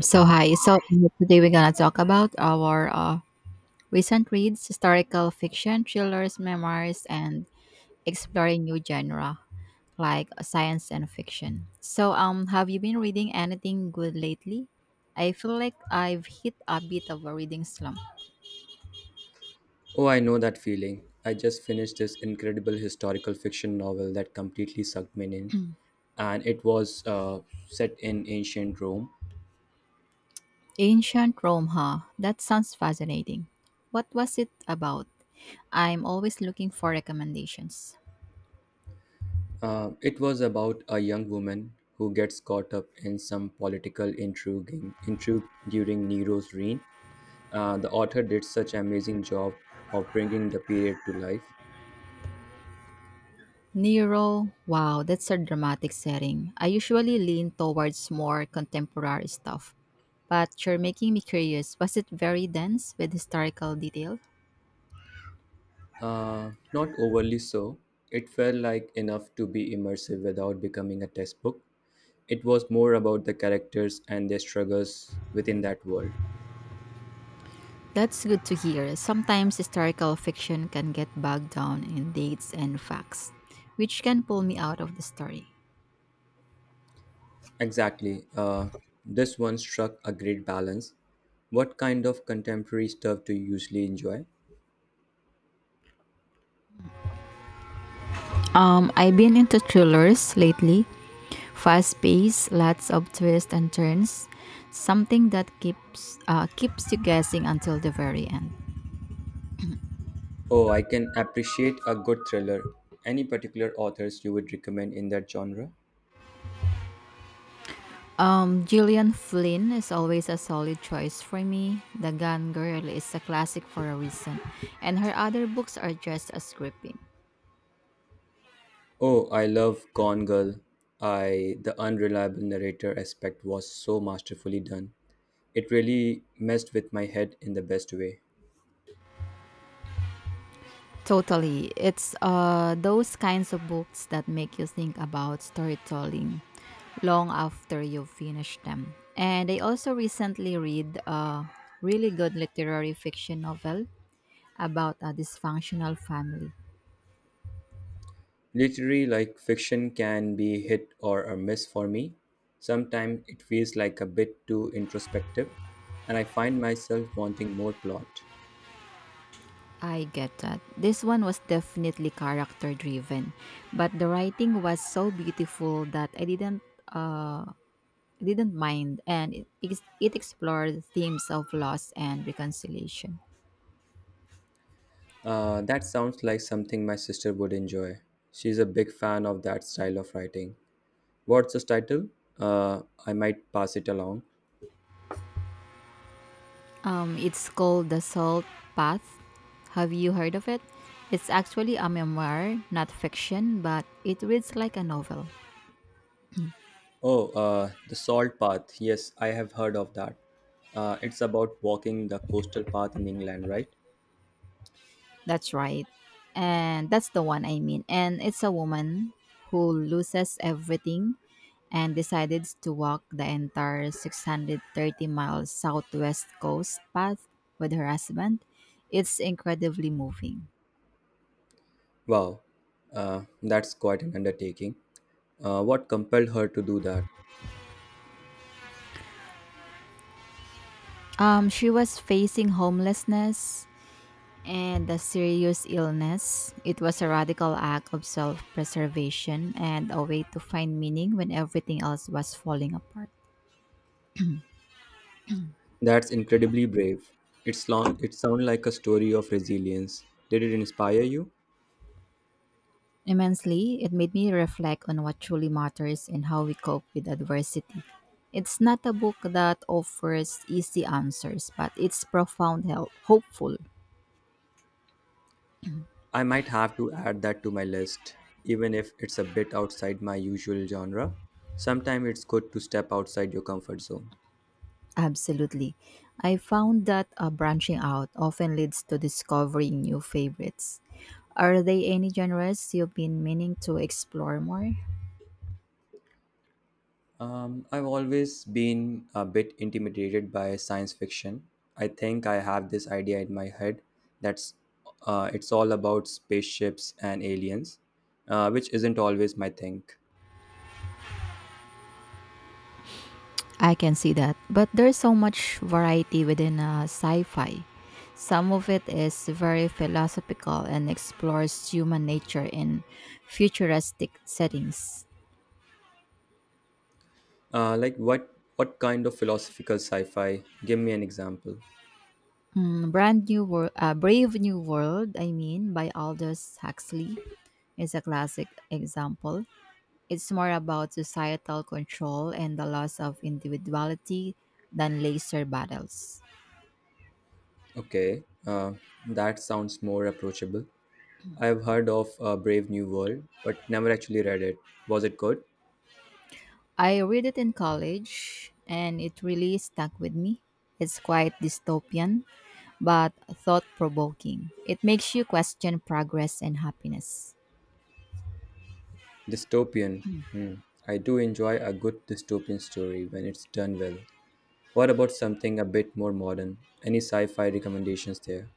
So hi. So today we're gonna talk about our recent reads, historical fiction, thrillers, memoirs, and exploring new genre like science and fiction. So have you been reading anything good lately? I feel like I've hit a bit of a reading slump. Oh, I know that feeling. I just finished this incredible historical fiction novel that completely sucked me in, and it was set in ancient Rome. Ancient Rome, huh? That sounds fascinating. What was it about? I'm always looking for recommendations. It was about a young woman who gets caught up in some political intriguing intrigue during Nero's reign. The author did such an amazing job of bringing the period to life. Nero, wow, that's a dramatic setting. I usually lean towards more contemporary stuff, but you're making me curious. Was it very dense with historical detail? Not overly so. It felt like enough to be immersive without becoming a textbook. It was more about the characters and their struggles within that world. That's good to hear. Sometimes historical fiction can get bogged down in dates and facts, which can pull me out of the story. Exactly. This one struck a great balance. What kind of contemporary stuff do you usually enjoy? I've been into thrillers lately, fast paced, lots of twists and turns, something that keeps you guessing until the very end. Oh, I can appreciate a good thriller. Any particular authors you would recommend in that genre? Gillian Flynn is always a solid choice for me. The Gone Girl is a classic for a reason, and her other books are just as gripping. Oh, I love Gone Girl. I The unreliable narrator aspect was so masterfully done. It really messed with my head in the best way. Totally, it's those kinds of books that make you think about storytelling long after you finish them. And I also recently read a really good literary fiction novel about a dysfunctional family. Literary like fiction can be hit or a miss for me. Sometimes it feels like a bit too introspective, and I find myself wanting more plot. I get that. This one was definitely character driven, but the writing was so beautiful that I didn't uh didn't mind, and it explored themes of loss and reconciliation. That sounds like something my sister would enjoy. She's a big fan of that style of writing. What's the title? I might pass it along. It's called The Salt Path. Have you heard of it? It's actually a memoir, not fiction, but it reads like a novel. Oh, The Salt Path. Yes, I have heard of that. It's about walking the coastal path in England, right? That's right. And that's the one I mean. And it's a woman who loses everything and decided to walk the entire 630 miles southwest coast path with her husband. It's incredibly moving. Wow, that's quite an undertaking. What compelled her to do that? She was facing homelessness and a serious illness. It was a radical act of self preservation and a way to find meaning when everything else was falling apart. That's incredibly brave. It's long, it sounds like a story of resilience. Did it inspire you? Immensely, it made me reflect on what truly matters and how we cope with adversity. It's not a book that offers easy answers, but it's hopeful. I might have to add that to my list, even if it's a bit outside my usual genre. Sometimes it's good to step outside your comfort zone. Absolutely. I found that branching out often leads to discovering new favorites. Are there any genres you've been meaning to explore more? I've always been a bit intimidated by science fiction. I think I have this idea in my head that's it's all about spaceships and aliens, which isn't always my thing. I can see that. But there's so much variety within sci fi. Some of it is very philosophical and explores human nature in futuristic settings. Like what kind of philosophical sci-fi? Give me an example. Mm, Brave New World, I mean, by Aldous Huxley is a classic example. It's more about societal control and the loss of individuality than laser battles. Okay, that sounds more approachable. I've heard of Brave New World, but never actually read it. Was it good? I read it in college and it really stuck with me. It's quite dystopian, but thought provoking. It makes you question progress and happiness. Dystopian. Hmm. I do enjoy a good dystopian story when it's done well. What about something a bit more modern? Any sci-fi recommendations there?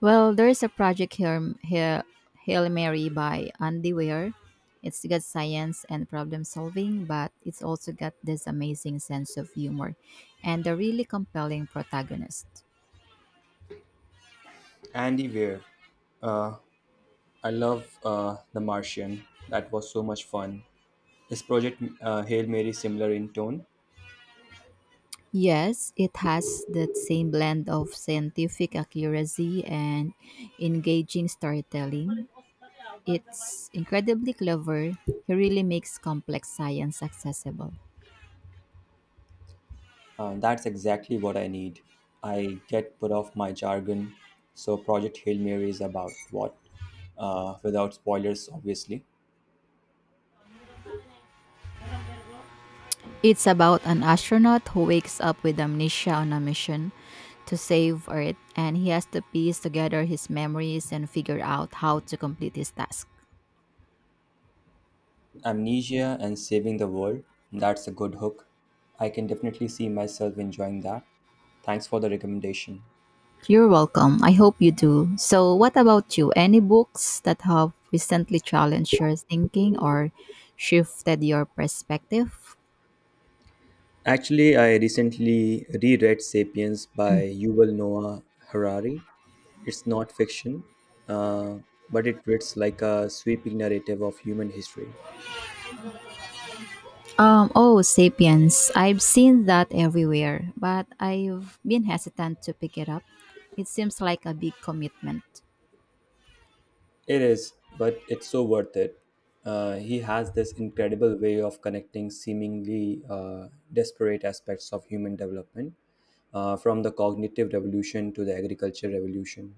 Well, there is a project here, here Hail Mary by Andy Weir. It's got science and problem solving, but it's also got this amazing sense of humor and a really compelling protagonist. Andy Weir. Uh, I love The Martian. That was so much fun. Is Project Hail Mary similar in tone? Yes, it has that same blend of scientific accuracy and engaging storytelling. It's incredibly clever. He really makes complex science accessible. That's exactly what I need. I get put off my jargon. So, Project Hail Mary is about what? Without spoilers, obviously. It's about an astronaut who wakes up with amnesia on a mission to save Earth, and he has to piece together his memories and figure out how to complete his task. Amnesia and saving the world. That's a good hook. I can definitely see myself enjoying that. Thanks for the recommendation. You're welcome. I hope you do. So, what about you? Any books that have recently challenged your thinking or shifted your perspective? Actually, I recently reread Sapiens by Yuval Noah Harari. It's not fiction, uh, but it reads like a sweeping narrative of human history. Oh, Sapiens. I've seen that everywhere, but I've been hesitant to pick it up. It seems like a big commitment. It is, but it's so worth it. He has this incredible way of connecting seemingly disparate aspects of human development, from the cognitive revolution to the agriculture revolution.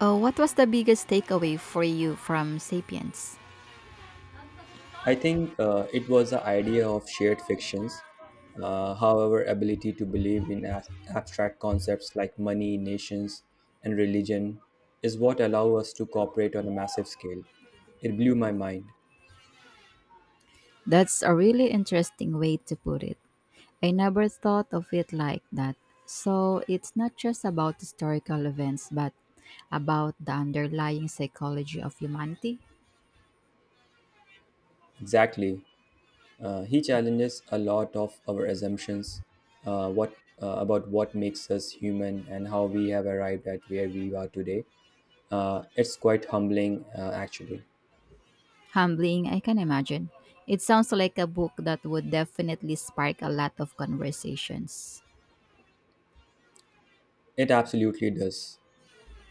Oh, what was the biggest takeaway for you from Sapiens? I think it was the idea of shared fictions, however, ability to believe in abstract concepts like money, nations, and religion is what allow us to cooperate on a massive scale. It blew my mind. That's a really interesting way to put it. I never thought of it like that. So it's not just about historical events, but about the underlying psychology of humanity. Exactly. He challenges a lot of our assumptions what about what makes us human and how we have arrived at where we are today. It's quite humbling, actually. Humbling, I can imagine. It sounds like a book that would definitely spark a lot of conversations. It absolutely does.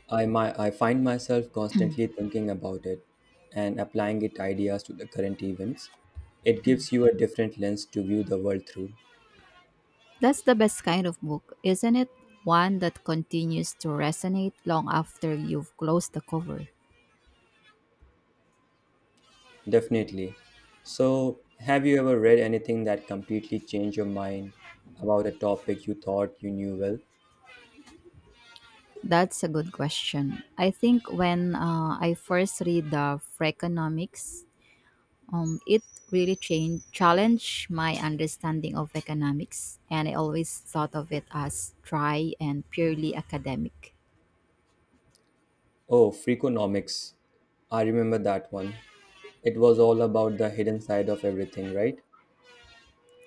I find myself constantly thinking about it and applying it ideas to the current events. It gives you a different lens to view the world through. That's the best kind of book, isn't it? One that continues to resonate long after you've closed the cover. Definitely. So, have you ever read anything that completely changed your mind about a topic you thought you knew well? That's a good question. I think when I first read the Freakonomics. It challenged my understanding of economics, and I always thought of it as dry and purely academic. Oh, Freakonomics. I remember that one. It was all about the hidden side of everything, right?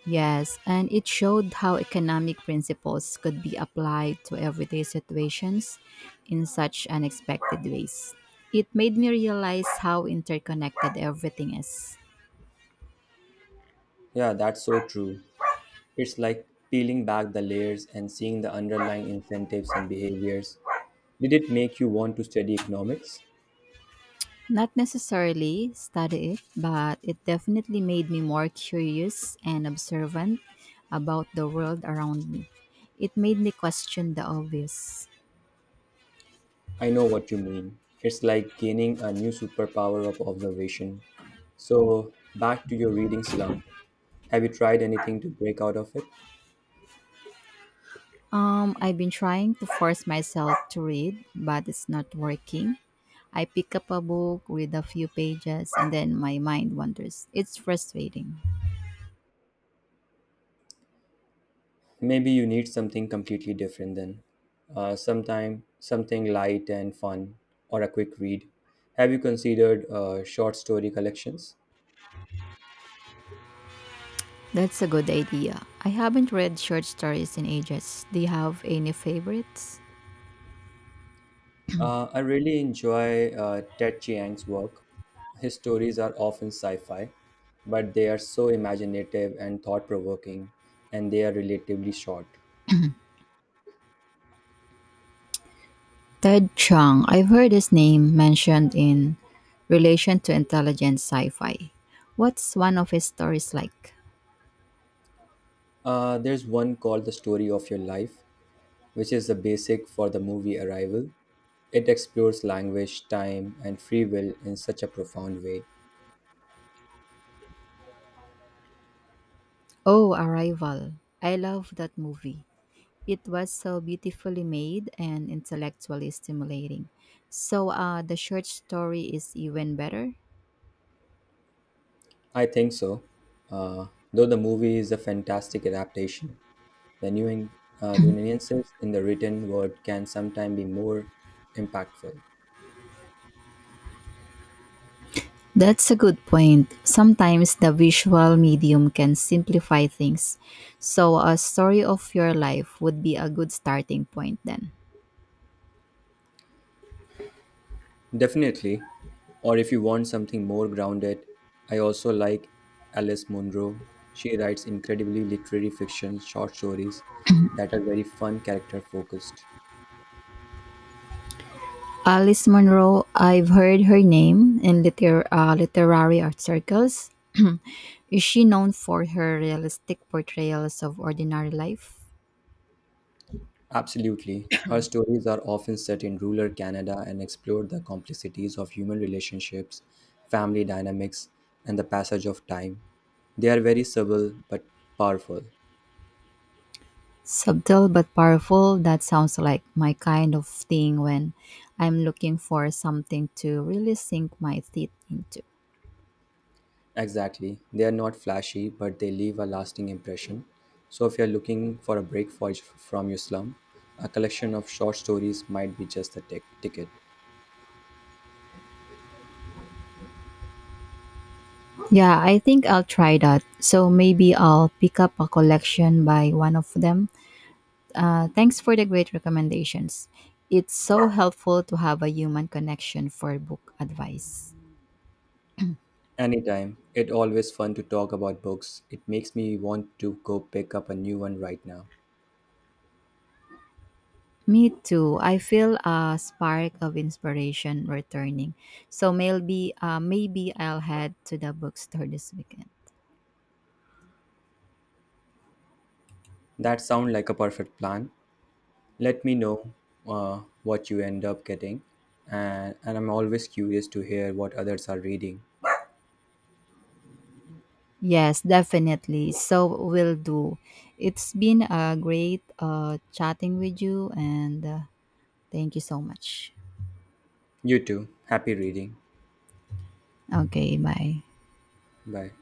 Yes, and it showed how economic principles could be applied to everyday situations in such unexpected ways. It made me realize how interconnected everything is. Yeah, that's so true. It's like peeling back the layers and seeing the underlying incentives and behaviors. Did it make you want to study economics? Not necessarily study it, but it definitely made me more curious and observant about the world around me. It made me question the obvious. I know what you mean. It's like gaining a new superpower of observation. So, back to your reading slump. Have you tried anything to break out of it? I've been trying to force myself to read, but it's not working. I pick up a book, read a few pages, and then my mind wanders. It's frustrating. Maybe you need something completely different then. Sometime something light and fun, or a quick read. Have you considered short story collections? That's a good idea. I haven't read short stories in ages. Do you have any favorites? I really enjoy Ted Chiang's work. His stories are often sci fi, but they are so imaginative and thought provoking, and they are relatively short. Ted Chiang, I've heard his name mentioned in relation to intelligent sci fi. What's one of his stories like? There's one called The Story of Your Life which is the basic for the movie Arrival. It explores language, time, and free will in such a profound way. Oh, Arrival. I love that movie. It was so beautifully made and intellectually stimulating. So, the short story is even better? I think so. Uh, though the movie is a fantastic adaptation, the new in, the nuances in the written word can sometimes be more impactful. That's a good point. Sometimes the visual medium can simplify things. So, a story of your life would be a good starting point then. Definitely. Or if you want something more grounded, I also like Alice Munro. She writes incredibly literary fiction, short stories that are very fun, character focused. Alice Munro, I've heard her name in literary art circles. Is she known for her realistic portrayals of ordinary life? Absolutely. Her stories are often set in rural Canada and explore the complexities of human relationships, family dynamics, and the passage of time. They are very subtle but powerful. Subtle but powerful, that sounds like my kind of thing when I'm looking for something to really sink my teeth into. Exactly. They are not flashy, but they leave a lasting impression. So, if you're looking for a break from your slum, a collection of short stories might be just the ticket. Yeah, I think I'll try that. So maybe I'll pick up a collection by one of them. Thanks for the great recommendations. It's so helpful to have a human connection for book advice. Anytime. It always fun to talk about books. It makes me want to go pick up a new one right now. Me too. I feel a spark of inspiration returning. So maybe I'll head to the bookstore this weekend. That sounds like a perfect plan. Let me know what you end up getting, and I'm always curious to hear what others are reading. Yes, definitely. So will do. It's been a great chatting with you and thank you so much. You too. Happy reading. Okay, bye. Bye.